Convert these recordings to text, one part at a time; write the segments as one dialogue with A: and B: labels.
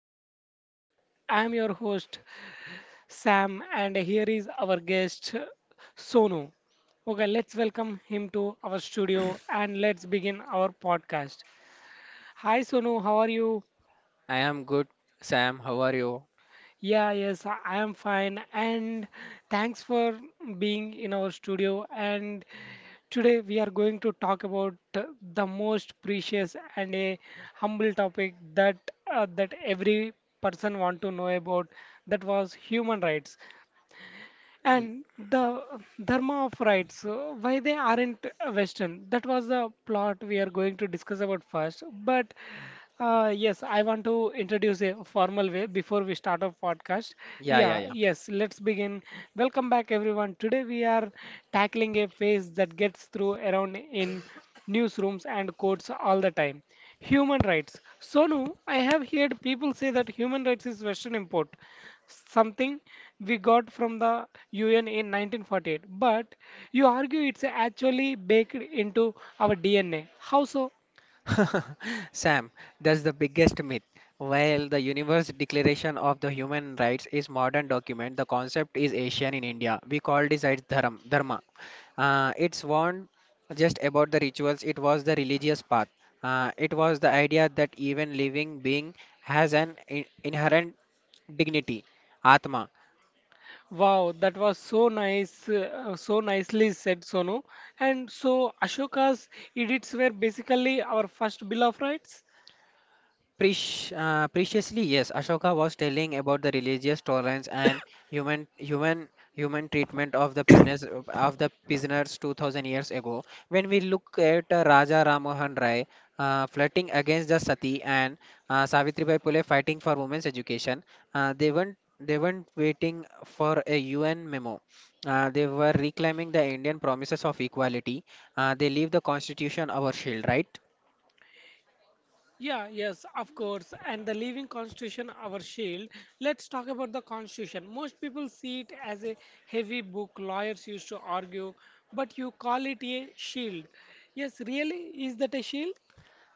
A: of Insight. I am your host, Sam, and here is our guest, Sonu. Okay, let's welcome him to our studio and let's begin our podcast. Hi, Sonu, how are you?
B: I am good, Sam. How are you?
A: Yeah, yes, I am fine. And thanks for being in our studio. And today we are going to talk about the most precious and a humble topic that that every person want to know about. That was human rights
B: Y-
A: and the dharma of rights, why they aren't western. That was the plot we are going to discuss about first, but yes, I want to introduce a formal way before we start our podcast.
B: Yeah,
A: Yeah,
B: yeah,
A: yes, let's begin. Welcome back everyone. Today we are tackling a phase that gets through around in newsrooms and courts all the time: human rights. Sonu, I have heard people say that human rights is western import, something we got from the UN in 1948. But you argue it's actually baked into our DNA. How so?
B: yeah. Sam, that's the biggest myth. While the Universe Declaration of the Human Rights is modern document, the concept is Asian in India. We called it as dharma. It's warned just about the rituals. It was the religious path. It was the idea that even living being has an inherent dignity, atma.
A: Wow, that was so nice, so nicely said, Sonu. And so Ashoka's edicts were basically our first Bill of Rights.
B: Preciously, yes, Ashoka was telling about the religious tolerance and human human treatment of the prisoners 2000 years ago. When we look at Raja Ramohan Rai, flirting against the sati and Savitribai Phule fighting for women's education, they weren't waiting for a UN memo. They were reclaiming the Indian promises of equality. They leave the constitution our shield, right?
A: Yeah, yes, of course. And the living constitution, our shield. Let's talk about the constitution. Most people see it as a heavy book lawyers used to argue, but you call it a shield. Yes, really, is that a shield?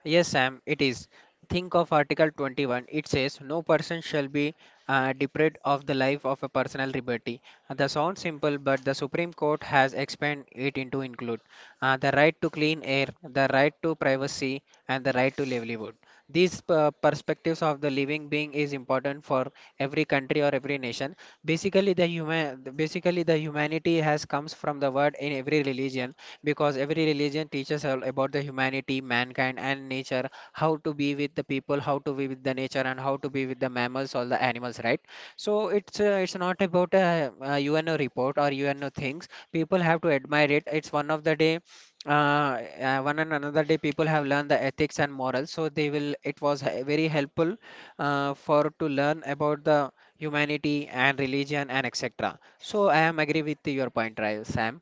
B: Yes, Sam, it is. Think of Article 21. It says, no person shall be deprived of the life of a personal liberty. That sounds simple, but the Supreme Court has expanded it into include the right to clean air, the right to privacy, and the right to livelihood. These perspectives of the living being is important for every country or every nation. Basically, basically the humanity has comes from the word in every religion because every religion teaches all about the humanity, mankind, and nature, how to be with the people, how to be with the nature, and how to be with the mammals, all the animals, right? So it's not about a UNO report or UNO things. People have to admire it. It's one of the day. Uh, one and another day people have learned the ethics and morals so they will it was very helpful, for to learn about the humanity and religion and etc, so I am agree with your point, right, Sam?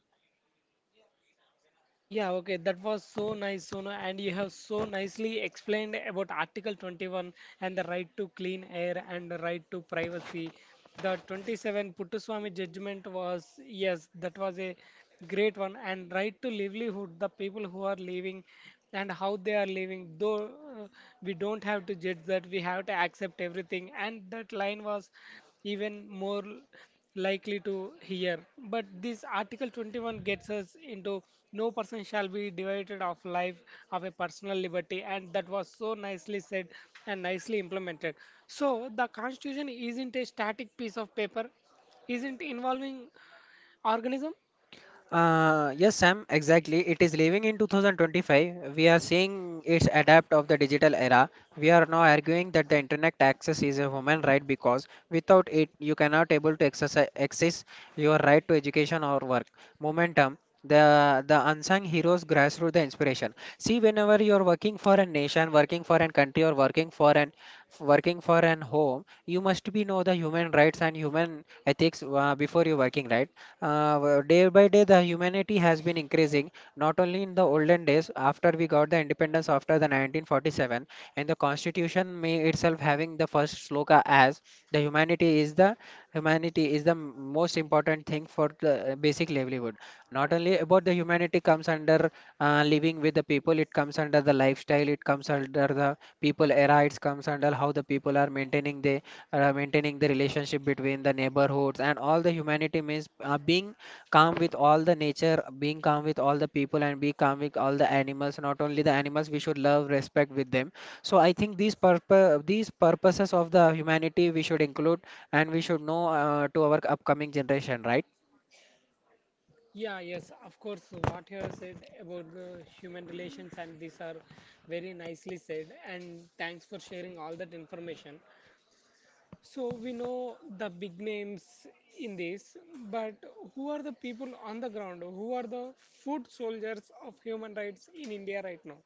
A: Yeah, okay, that was so nice, Sonu, and you have so nicely explained about Article 21 and the right to clean air and the right to privacy. The 27 Puttuswamy judgment was, yes, that was a great one, and right to livelihood, the people who are living and how they are living, though uh, we don't have to judge that, we have to accept everything, and that line was even more likely to hear. But this Article 21 gets us into no person shall be devoted of life of a personal liberty, and that was so nicely said and nicely implemented. So the Constitution isn't a static piece of paper, isn't involving organism.
B: Yes, Sam, exactly. It is living in 2025. We are seeing its adapt of the digital era. We are now arguing that the internet access is a human right because without it, you cannot able to exercise, access your right to education or work. Momentum, the unsung heroes grassroots the inspiration. See, whenever you are working for a nation, working for a country, or working for an home, you must be know the human rights and human ethics, before you working, right? Day by day, the humanity has been increasing, not only in the olden days, after we got the independence after the 1947, and the constitution may itself having the first sloka as the humanity is the humanity is the most important thing for the basic livelihood. Not only about the humanity comes under living with the people, it comes under the lifestyle, it comes under the people era, it comes under how the people are maintaining their maintaining the relationship between the neighborhoods and all. The humanity means being calm with all the nature, being calm with all the people, and be calm with all the animals. Not only the animals, we should love respect with them. So I think these purposes of the humanity we should include and we should know, to our upcoming generation, right?
A: Yeah, yes, of course. What you have said about the human relations and these are very nicely said. And thanks for sharing all that information. So we know the big names in this, but who are the people on the ground? Who are the foot soldiers of human rights in India right now?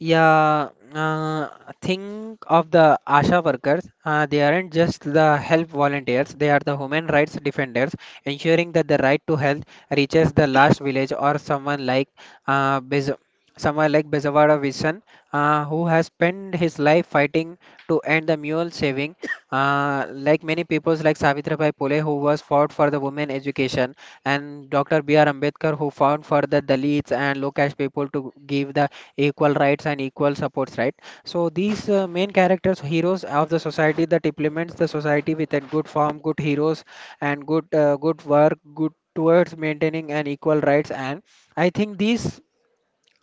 B: Yeah, uh, think of the ASHA workers. They aren't just the help volunteers, they are the human rights defenders, ensuring that the right to health reaches the last village, or someone like uh, Bez- someone like Bezawada Visan, who has spent his life fighting to end the mule saving. Like many peoples like Savitribai Phule who was fought for the women education, and Dr. B.R. Ambedkar who fought for the Dalits and low caste people, to give the equal rights and equal supports, right? So these main characters heroes of the society that implements the society with a good form, good heroes and good, good work good towards maintaining an equal rights. And I think these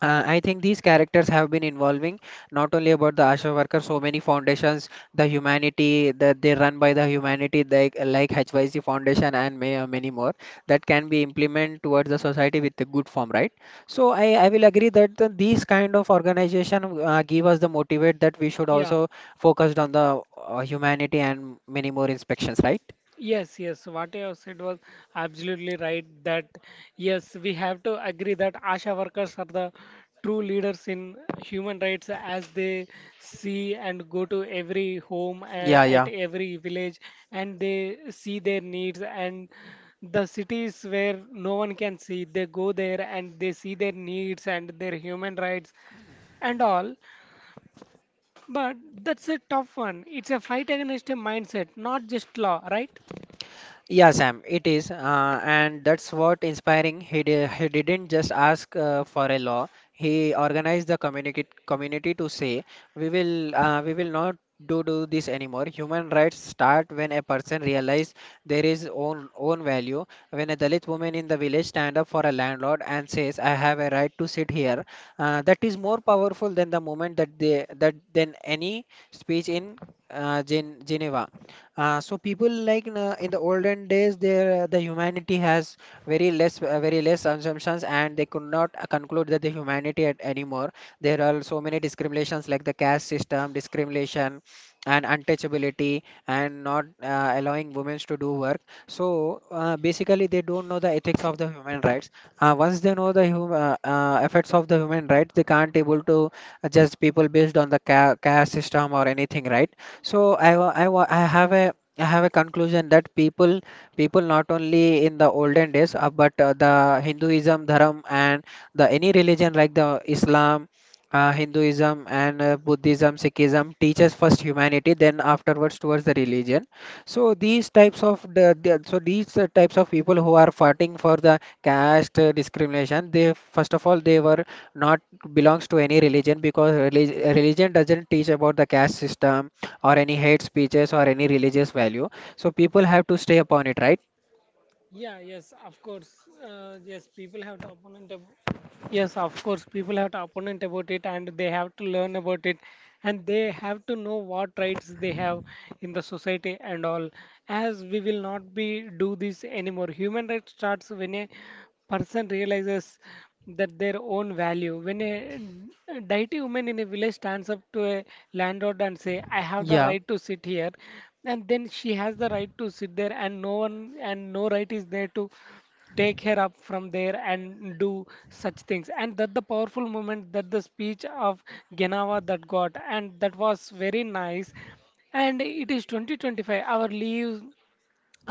B: characters have been involving, not only about the ASHA worker, so many foundations, the humanity that they run by the humanity, like HYC Foundation and may, many more, that can be implemented towards the society with a good form, right? So I will agree that these kind of organization give us the motivate that we should
A: Yeah.
B: also focused on the humanity and many more inspections, right?
A: Yes, yes, what you have said was absolutely right. That yes, we have to agree that ASHA workers are the true leaders in human rights as they see and go to every home,
B: Yeah,
A: at
B: yeah.
A: every village, and they see their needs. And the cities where no one can see, they go there and they see their needs and their human rights and all. But that's a tough one. It's a fight against a mindset, not just law, right?
B: Yeah, Sam, it is, and that's what inspiring. He didn't just ask for a law. He organized the community to say, we will not do this anymore. Human rights start when a person realizes there is own value. When a Dalit woman in the village stand up for a landlord and says, I have a right to sit here, that is more powerful than the moment that they that than any speech in Geneva. So people like in the olden days, the humanity has very less assumptions, and they could not conclude that the humanity at anymore. There are so many discriminations like the caste system, discrimination, and untouchability, and not allowing women to do work. So basically, they don't know the ethics of the human rights. Once they know the effects of the human rights, they can't able to adjust people based on the caste system or anything, right? So I have a conclusion that people not only in the olden days, but the Hinduism dharam and the any religion like the Islam, Hinduism and Buddhism Sikhism, teaches first humanity then afterwards towards the religion. So these types of people who are fighting for the caste discrimination, they first of all they were not belongs to any religion because religion doesn't teach about the caste system or any hate speeches or any religious value. So people have to stay upon it, right?
A: Yeah, yes, of course. Yes, people have the opponent ab- yes, of course, people have to opponent about it and they have to learn about it and they have to know what rights they have in the society and all. As we will not be do this anymore. Human rights starts when a person realizes that their own value. When a deity woman in a village stands up to a landlord and say, I have the
B: Yeah,
A: right to sit here, and then she has the right to sit there and no one and no right is there to take her up from there and do such things, and that the powerful moment that the speech of Genawa that got, and that was very nice. And it is 2025. Our leaves,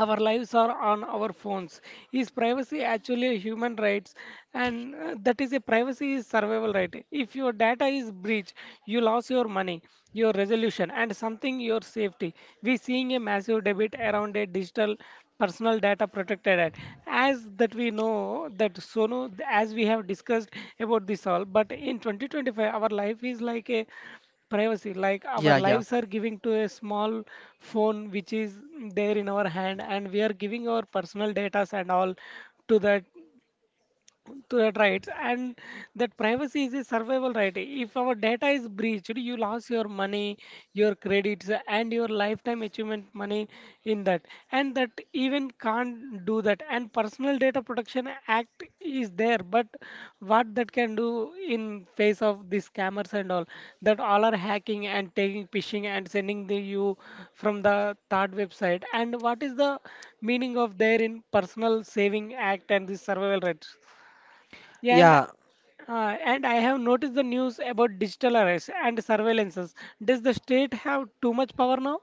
A: our lives are on our phones. Is privacy actually a human rights? And that is, a privacy is survival right. If your data is breached you lost your money, your resolution and something, your safety. We seeing a massive debate around a digital personal data protected act, as that we know that Sono, as we have discussed about this all. But in 2025 our life is like a privacy, like our
B: yeah, yeah,
A: lives are giving to a small phone which is there in our hand and we are giving our personal data and all to that, to that rights. And that privacy is a survival right. If our data is breached you lost your money, your credits and your lifetime achievement money in that, and that even can't do that. And personal data protection act is there, but what that can do in face of these scammers and all, that all are hacking and taking phishing and sending the you from the third website. And what is the meaning of there in personal saving act and the survival rights? Yeah,
B: yeah.
A: and I have noticed the news about digital arrests and surveillances. Does the state have too much power now?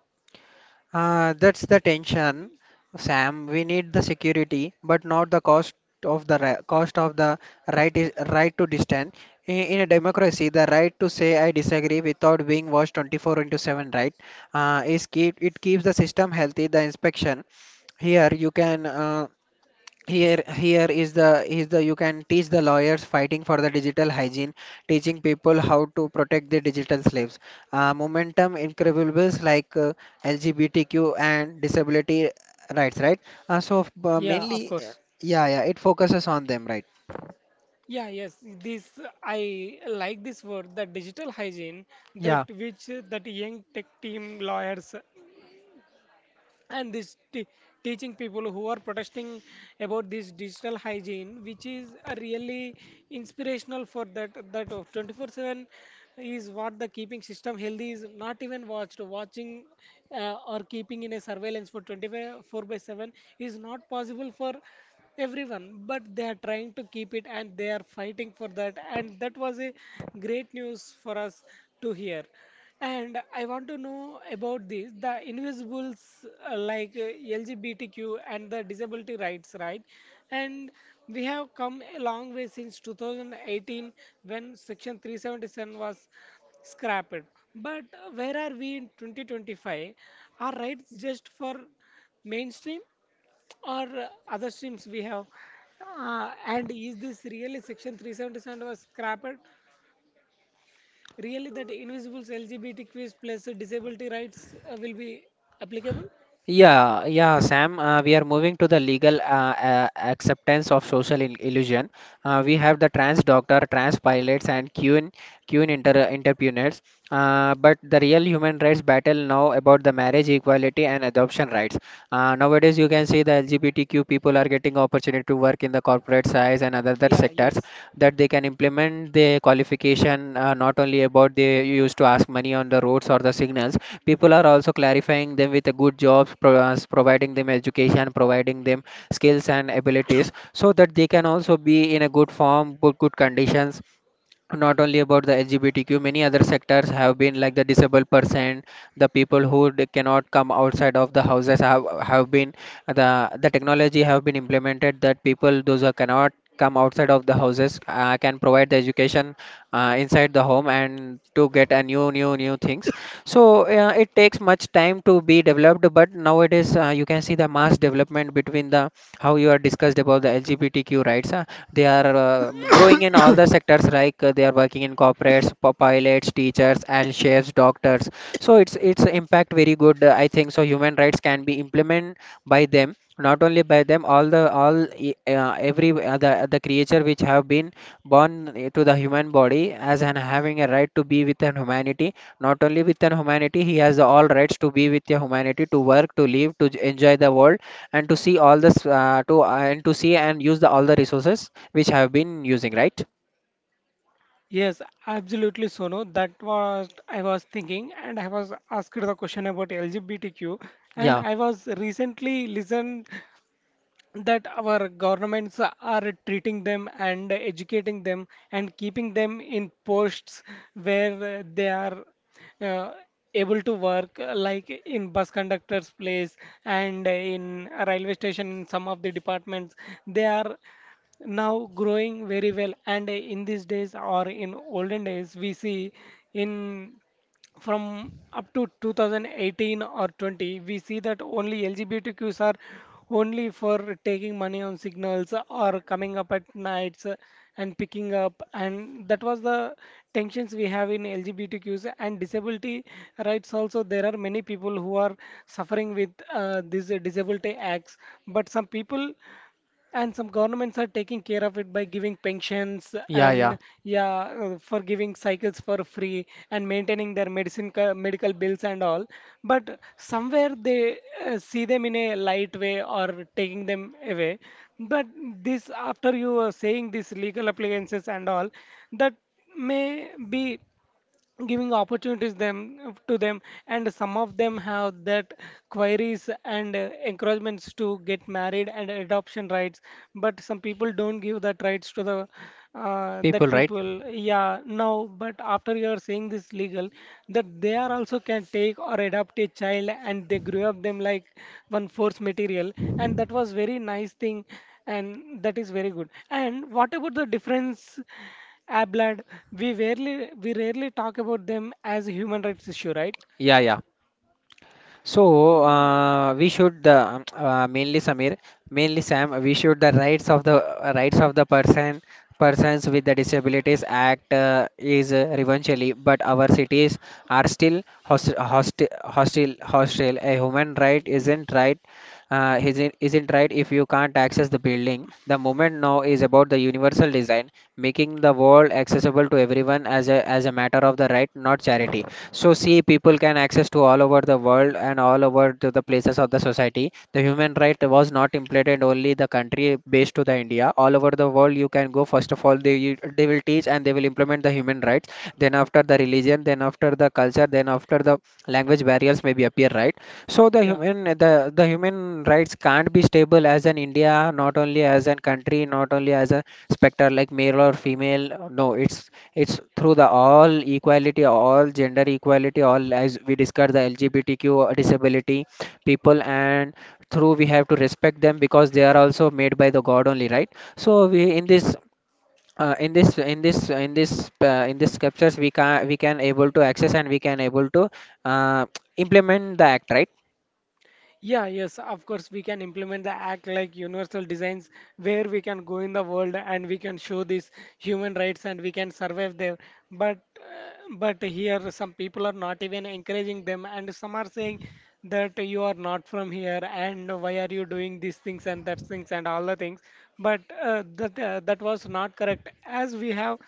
B: That's the tension, Sam. We need the security, but not the cost of the right is right to dissent. In a democracy, the right to say I disagree without being watched 24 into 7, right? Is keep it Keeps the system healthy. The inspection here you can. Here is the you can teach the lawyers fighting for the digital hygiene, teaching people how to protect the digital slaves. Momentum increvables like LGBTQ and disability rights, right? Uh, so uh,
A: Yeah, of
B: mainly, uh,
A: course.
B: yeah, yeah, it focuses on them, right?
A: Yeah, yes, this I like this word, the digital hygiene, that
B: Yeah.
A: which that young tech team lawyers and teaching people who are protesting about this digital hygiene, which is a really inspirational for that, that of 24/7 is what the keeping system healthy, is not even watched watching or keeping in a surveillance for 24 by 7 is not possible for everyone, but they are trying to keep it and they are fighting for that. And that was a great news for us to hear. And I want to know about this the invisibles, uh, like uh, LGBTQ and the disability rights, right? And we have come a long way since 2018 when Section 377 was scrapped. But where are we in 2025? Are rights just for mainstream or other streams we have? And is this really Section 377 was scrapped? Really, that Invisible's LGBTQ plus disability rights will be applicable?
B: Yeah, yeah, Sam. We are moving to the legal acceptance of social illusion. We have the trans doctor, trans pilots, and queen queen inter entrepreneurs. But the real human rights battle now about the marriage equality and adoption rights. Nowadays you can see the LGBTQ people are getting opportunity to work in the corporate size and other
A: Yeah,
B: sectors,
A: yes.
B: that they can implement the qualification, not only about they used to ask money on the roads or the signals. People are also clarifying them with a good jobs, providing them education, providing them skills and abilities, so that they can also be in a good form, good conditions. Not only about the LGBTQ, many other sectors have been like the disabled person, the people who cannot come outside of the houses have been the technology have been implemented that people those who cannot come outside of the houses can provide the education inside the home and to get a new things. So it takes much time to be developed, but nowadays you can see the mass development between the how you are discussed about the LGBTQ rights. They are growing in all the sectors, like they are working in corporates, pilots, teachers, and chefs, doctors. So it's impact very good. I think so. Human rights can be implemented by them, not only by them. All the all e- Every the creature which have been born eh, to the human body as and having a right to be with an humanity. Not only with an humanity, he has all rights to be with a humanity, to work, to live, to enjoy the world, and to see all this, to and to see and use all the resources which have been using, right?
A: Yes, absolutely, Sono. That was I was thinking, and I was asked the question about LGBTQ, and
B: Yeah,
A: I was recently listened that our governments are treating them and educating them and keeping them in posts where they are uh, able to work like in bus conductors place and in a railway station in some of the departments. They are now growing very well, and in these days or in olden days we see in from up to 2018 or 20, we see that only LGBTQs are only for taking money on signals or coming up at nights and picking up. And that was the tensions we have in LGBTQs and disability rights. Also there are many people who are suffering with these disability acts, but some people and some governments are taking care of it by giving pensions
B: yeah, yeah.
A: and yeah, for giving cycles for free and maintaining their medical bills and all. But somewhere they see them in a light way or taking them away. But this after you are saying these legal appliances and all, that may be giving opportunities them to them. And some of them have that queries and encouragements to get married and adoption rights, but some people don't give that rights to the
B: People,
A: that
B: right?
A: people. Yeah, now but after you are saying this legal, that they are also can take or adopt a child and they grew up them like one force material, and that was very nice thing. And that is very good. And what about the difference Abland, we rarely talk about them as a human rights issue, right?
B: Yeah, yeah. So
A: Uh,
B: uh, we should mainly Sam, we should the rights of the persons with the disabilities act is eventually, but our cities are still hostile. A human right isn't right isn't right if you can't access the building. The moment now is about the universal design, making the world accessible to everyone as a matter of the right, not charity. So see, people can access to all over the world and all over to the places of the society. The human right was not implemented only the country based to the India. All over the world, you can go. First of all, they will teach and they will implement the human rights. Then after the religion, then after the culture, then after the language barriers maybe appear, right? So the
A: yeah,
B: human the the human rights can't be stable as an India, not only as a country, not only as a specter like male or female. No, it's through the all equality, all gender equality, all as we discussed the LGBTQ disability people. And through we have to respect them because they are also made by the god only, right? So we, in this in this in this in this in this scriptures, we can able to access, and we can able to uh, implement the act, right?
A: yeah, yes, of course we can implement the act like universal designs where we can go in the world and we can show these human rights and we can survive there. But here some people are not even encouraging them and some are saying that you are not from here and why are you doing these things and that things and all the things. But that was not correct. As we have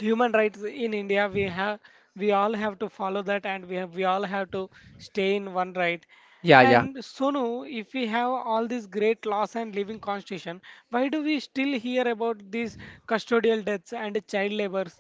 A: human rights in India, we have we all have to follow that, and we have we all have to stay in one right.
B: Yeah, yeah.
A: And Sonu, if we have all these great laws and living constitution, why do we still hear about these custodial deaths and child labors?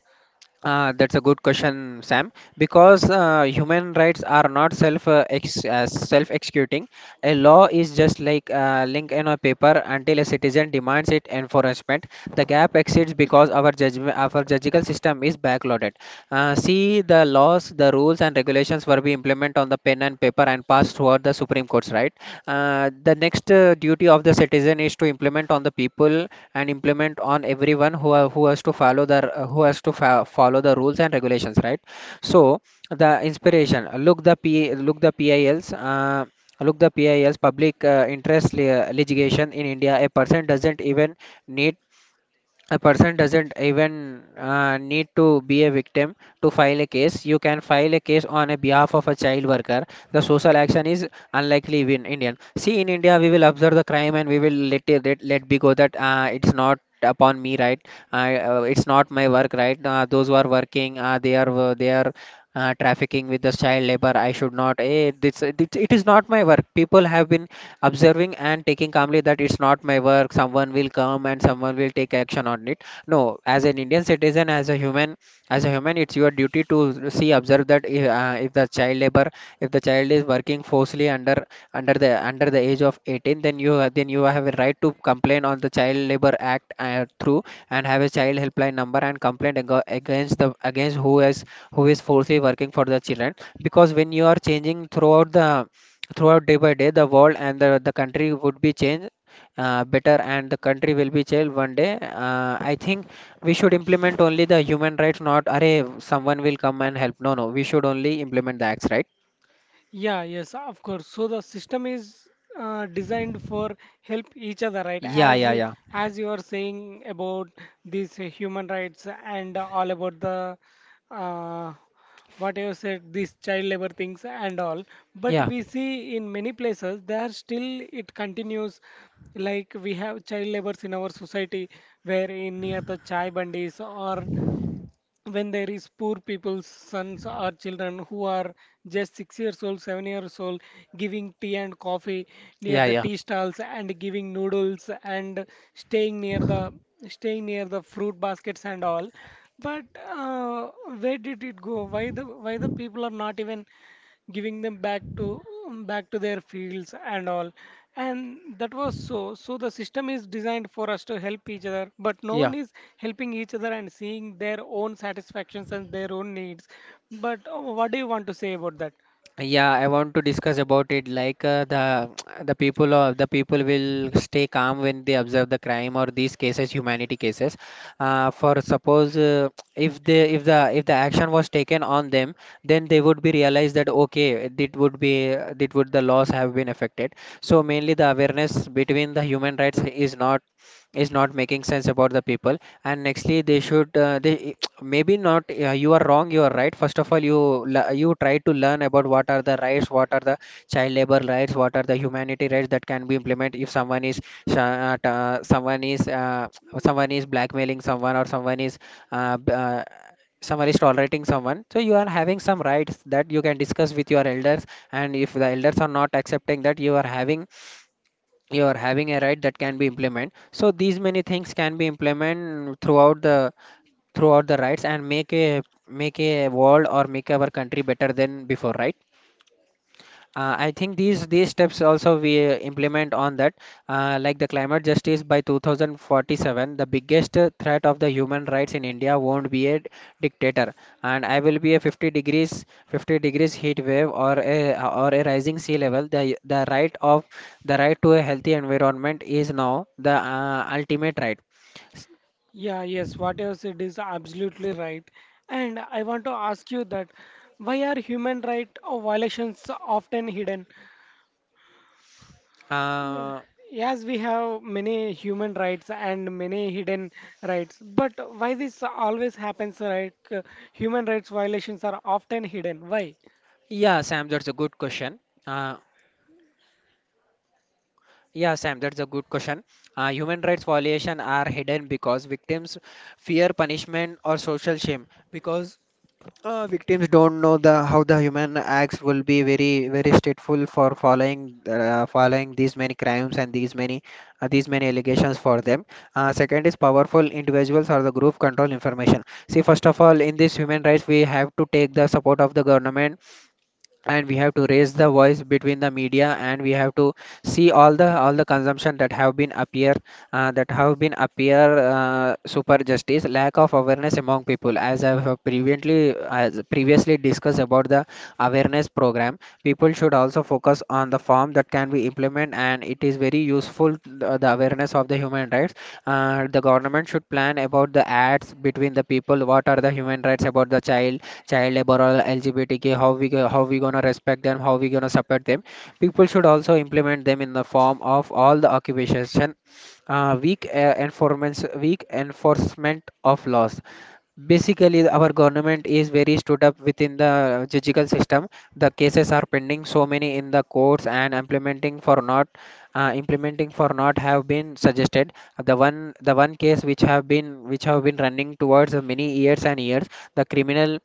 B: That's a good question, Sam. Because human rights are not self executing. A law is just like a link in a paper until a citizen demands it enforcement. The gap exists because our judicial system is backloaded. See, the laws, the rules and regulations were we implement on the pen and paper, and passed throughout the Supreme Courts, right? The next duty of the citizen is to implement on the people, and implement on everyone who are, who has to fa- follow the rules and regulations, right? So the inspiration. Look the PILs. Public interest litigation in India, need a person doesn't even need to be a victim to file a case. You can file a case on a behalf of a child worker. The social action is unlikely in Indian. See, in India, we will observe the crime, and we will let be go that it's not upon me, right? It's not my work, right? Those who are working, they are trafficking with the child labor, I should not, it is not my work. People have been observing and taking calmly that it's not my work. Someone will come and someone will take action on it. No. As an indian citizen, as a human, it's your duty to see, observe that if the child labor if the child is working forcefully under the age of 18. Then you have a right to complain on the child labor act, through, and have a child helpline number, and complaint against who is falsely working for the children. Because when you are changing throughout the throughout day by day, the world and the country would be changed better, and the country will be changed one day. I think we should implement only the human rights, not array. Someone will come and help. No, no, we should only implement the acts, right?
A: Yeah, yes, of course. So the system is designed for help each other, right?
B: Yeah,
A: As
B: yeah,
A: you,
B: yeah.
A: as you are saying about these human rights and all about the uh, what you said, these child labor things and all. But
B: Yeah,
A: we see in many places there still it continues. Like we have child labors in our society, where in near the chai bandis or when there is poor people's sons or children who are just 6 years old, 7 years old, giving tea and coffee near
B: yeah,
A: the
B: yeah,
A: tea stalls and giving noodles and staying near the staying near the fruit baskets and all. But where did it go? Why the people are not even giving them back to their fields and all. And that was so the system is designed for us to help each other, but no one
B: yeah.
A: is helping each other and seeing their own satisfactions and their own needs. But What do you want to say about that?
B: Yeah, I want to discuss about it. Like, the the people of the people will stay calm when they observe the crime or these cases, humanity cases. For suppose, if the action was taken on them, then they would be realized that okay, it would, the laws have been affected. So mainly the awareness between the human rights is not, making sense about the people. And nextly they should, they maybe not, you are wrong, you are right. First of all, you try to learn about what are the rights, what are the child labor rights, what are the humanity rights that can be implemented. If someone is sh- uh, t- uh, someone is uh, someone is blackmailing someone, or someone is uh, b- uh, tolerating someone. So you are having some rights that you can discuss with your elders. And if the elders are not accepting, that you are having, a right that can be implement. So these many things can be implement throughout the rights, and make a make a world, or make our country better than before, right? I think these steps also we implement on that, like the climate justice by 2047. The biggest threat of the human rights in India won't be a dictator, and I will be a 50 degrees heat wave, or a rising sea level. The right to a healthy environment is now the ultimate right. S-
A: Yeah, yes, what you have said is absolutely right. And I want to ask you that, why are human right violations often hidden?
B: Uh,
A: Yes, we have many human rights and many hidden rights. But why this always happens, right? Human rights violations are often hidden. Why?
B: yeah, Sam, that's a good question. Uh, Yeah, Sam, that's a good question. Human rights violations are hidden because victims fear punishment or social shame. Because victims don't know the, how the human acts will be very very stateful for following, these many crimes, and these many, these many allegations for them. Second is powerful individuals or the group control information. See, first of all, in this human rights, we have to take the support of the government, and we have to raise the voice between the media, and we have to see all the, consumption that have been appear, super justice, lack of awareness among people, as I have previously, as previously discussed about the awareness program. People should also focus on the form that can be implement, and it is very useful, the, awareness of the human rights. The government should plan about the ads between the people, what are the human rights about the child labor or LGBTQ, how we how we gonna respect them, how we gonna support them. People should also implement them in the form of all the occupations. Weak enforcement of laws. Basically our government is very stood up within the judicial system. The cases are pending so many in the courts, and implementing for not have been suggested. The one case, which have been running towards many years and years. the criminal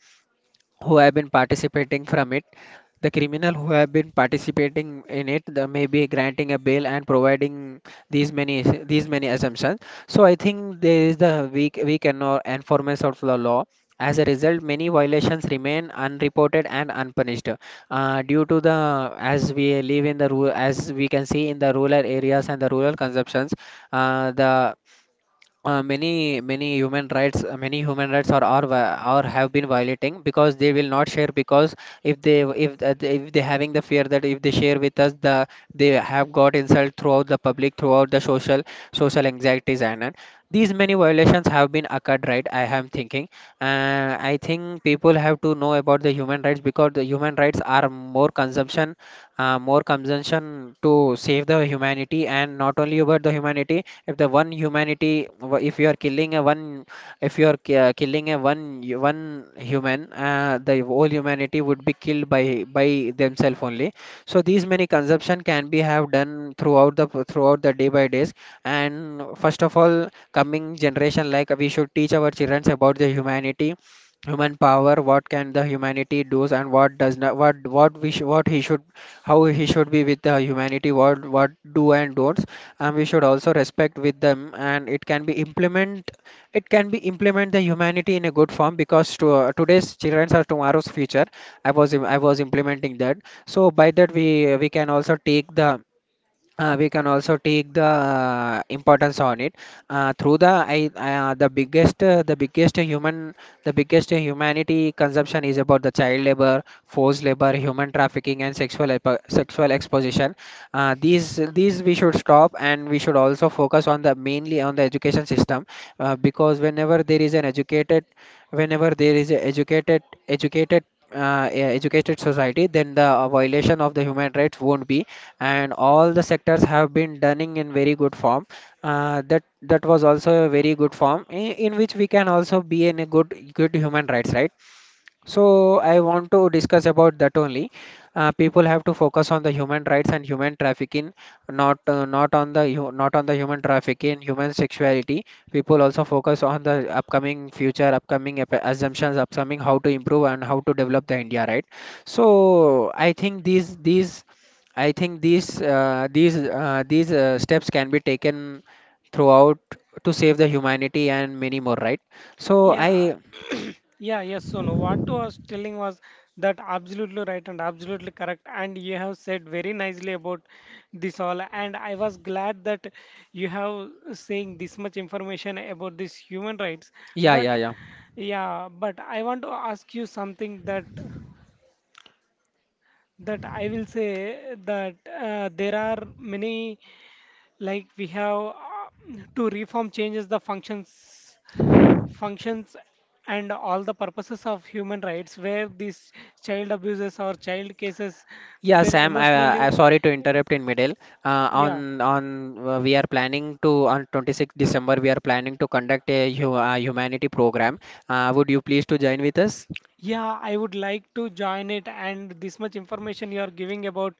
B: who have been participating from it the criminal who have been participating in it, the may be granting a bail, and providing these many, assumptions. So I think there is the weak and or enforcement of the law. As a result, many violations remain unreported and unpunished. Due to the As we live in the rural, as we can see in the rural areas and the rural consumptions. The Many human rights, are, are have been violating, because they will not share, because if they having the fear that if they share with us, the, they have got insult throughout the public, throughout the social anxieties and all. These many violations have been occurred, right? I am thinking. I think people have to know about the human rights, because the human rights are more consumption, more consumption, to save the humanity. And not only about the humanity, if the one humanity, if you are killing a one if you are ki- killing a one human, the whole humanity would be killed by themselves only. So these many consumption can be have done throughout the day by days. And first of all, coming generation, like we should teach our children about the humanity. Human power, what can the humanity does and what does not, what we should, what he should, how he should be with the humanity, what do and don'ts. And we should also respect with them, and it can be implement the humanity in a good form, because today's children are tomorrow's future. I was implementing that. So by that, we can also take the, importance on it. Through the, the biggest human the biggest humanity consumption is about the child labor, forced labor, human trafficking, and sexual exposition. These we should stop, and we should also focus on the, mainly on the education system. Because whenever there is a educated educated society, then the violation of the human rights won't be, and all the sectors have been running in very good form. That was also a very good form, in which we can also be in a good human rights, right? So I want to discuss about that only. People have to focus on the human rights and human trafficking, not, on the, not on the human trafficking, human sexuality. People also focus on the upcoming future, upcoming, assumptions, upcoming how to improve and how to develop the India, right? So I think these these steps can be taken throughout, to save the humanity and many more, right? So
A: Yeah,
B: I,
A: yeah, yes, Sonu. What I was telling was that absolutely right and absolutely correct. And you have said very nicely about this all. And I was glad that you have saying this much information about this human rights.
B: yeah,
A: But
B: yeah, yeah.
A: yeah, but I want to ask you something. That. That I will say that there are many, like we have to reform changes the functions, functions and all the purposes of human rights, where these child abuses or child cases
B: Yeah,
A: where
B: Sam, I
A: emotionally,
B: sorry to interrupt in middle.
A: yeah.
B: On we are planning to, on 26th December we are planning to conduct a, humanity program. Would you please to join with us?
A: Yeah, I would like to join it. And this much information you are giving about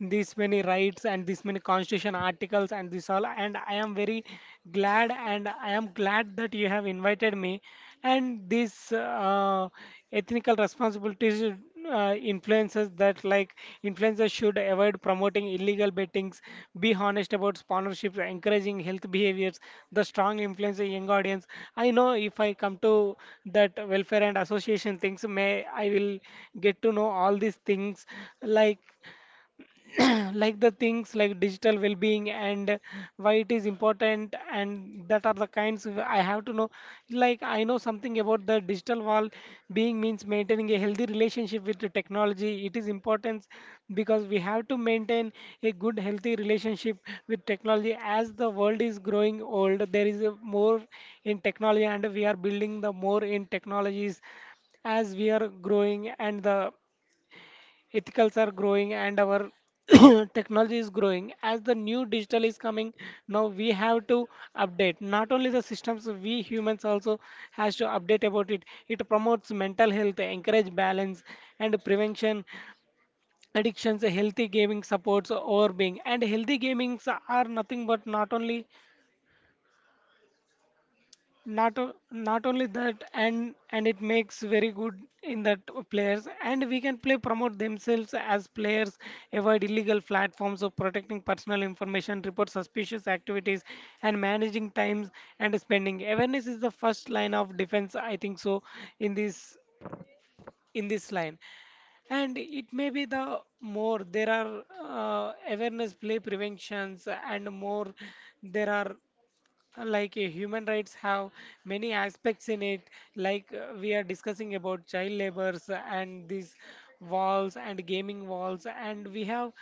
A: this many rights and this many constitution articles and this all. And I am very glad, and I am glad that you have invited me. And this ethical responsibilities, influencers that, like, influencers should avoid promoting illegal bettings, be honest about sponsorships, encouraging health behaviors, the strong influence a young audience. I know if I come to that welfare and association things, may I will get to know all these things, like like the things like digital well-being and why it is important and that are the kinds of- I have to know. Like, I know something about the digital wall being means maintaining a healthy relationship with the technology. It is important because we have to maintain a good healthy relationship with technology. As the world is growing old, there is a more in technology, and we are building the more in technologies. As we are growing and the ethicals are growing, and our technology is growing as the new digital is coming. Now we have to update not only the systems, we humans also has to update about it. It promotes mental health, encourage balance and prevention addictions. Healthy gaming supports overbeing, and healthy gamings are nothing but not only that. And it makes very good in that players, and we can play promote themselves as players, avoid illegal platforms, of protecting personal information, report suspicious activities and managing times and spending. Awareness is the first line of defense, I think so. In this in this line. And it may be the more there are, awareness play preventions, and more there are, like, human rights have many aspects in it. Like, we are discussing about child labors and these walls and gaming walls. And we have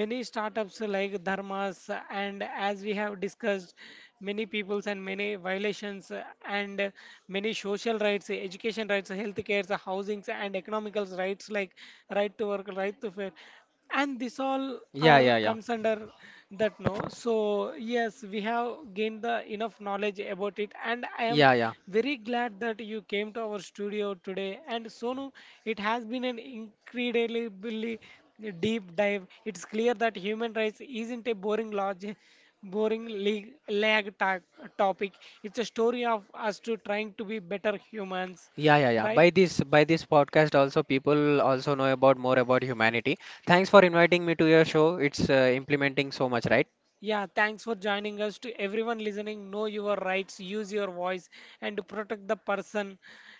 A: many startups like dharmas, and as we have discussed many peoples and many violations, and many social rights, education rights, health cares, housings and economical rights, like right to work, right to fair, and this all
B: Yeah,
A: are
B: yeah, yeah.
A: comes under that. No, so yes, we have gained the enough knowledge about it, and I am
B: Yeah, yeah.
A: very glad that you came to our studio today. And Sonu, it has been an incredibly deep dive. It's clear that human rights isn't a boring large, boring leg, lag ta- topic. It's a story of us to trying to be better humans,
B: Yeah, yeah, yeah.
A: right?
B: By this podcast also people also know about more about humanity. Thanks for inviting me to your show. It's implementing so much, right?
A: Yeah, thanks for joining us. To everyone listening, know your rights, use your voice, and protect the person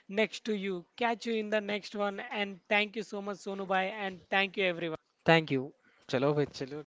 A: next to you. Catch you in the next one, and thank you so much, Sonu Bhai, and thank you everyone.
B: Thank you. चलो भाई चलो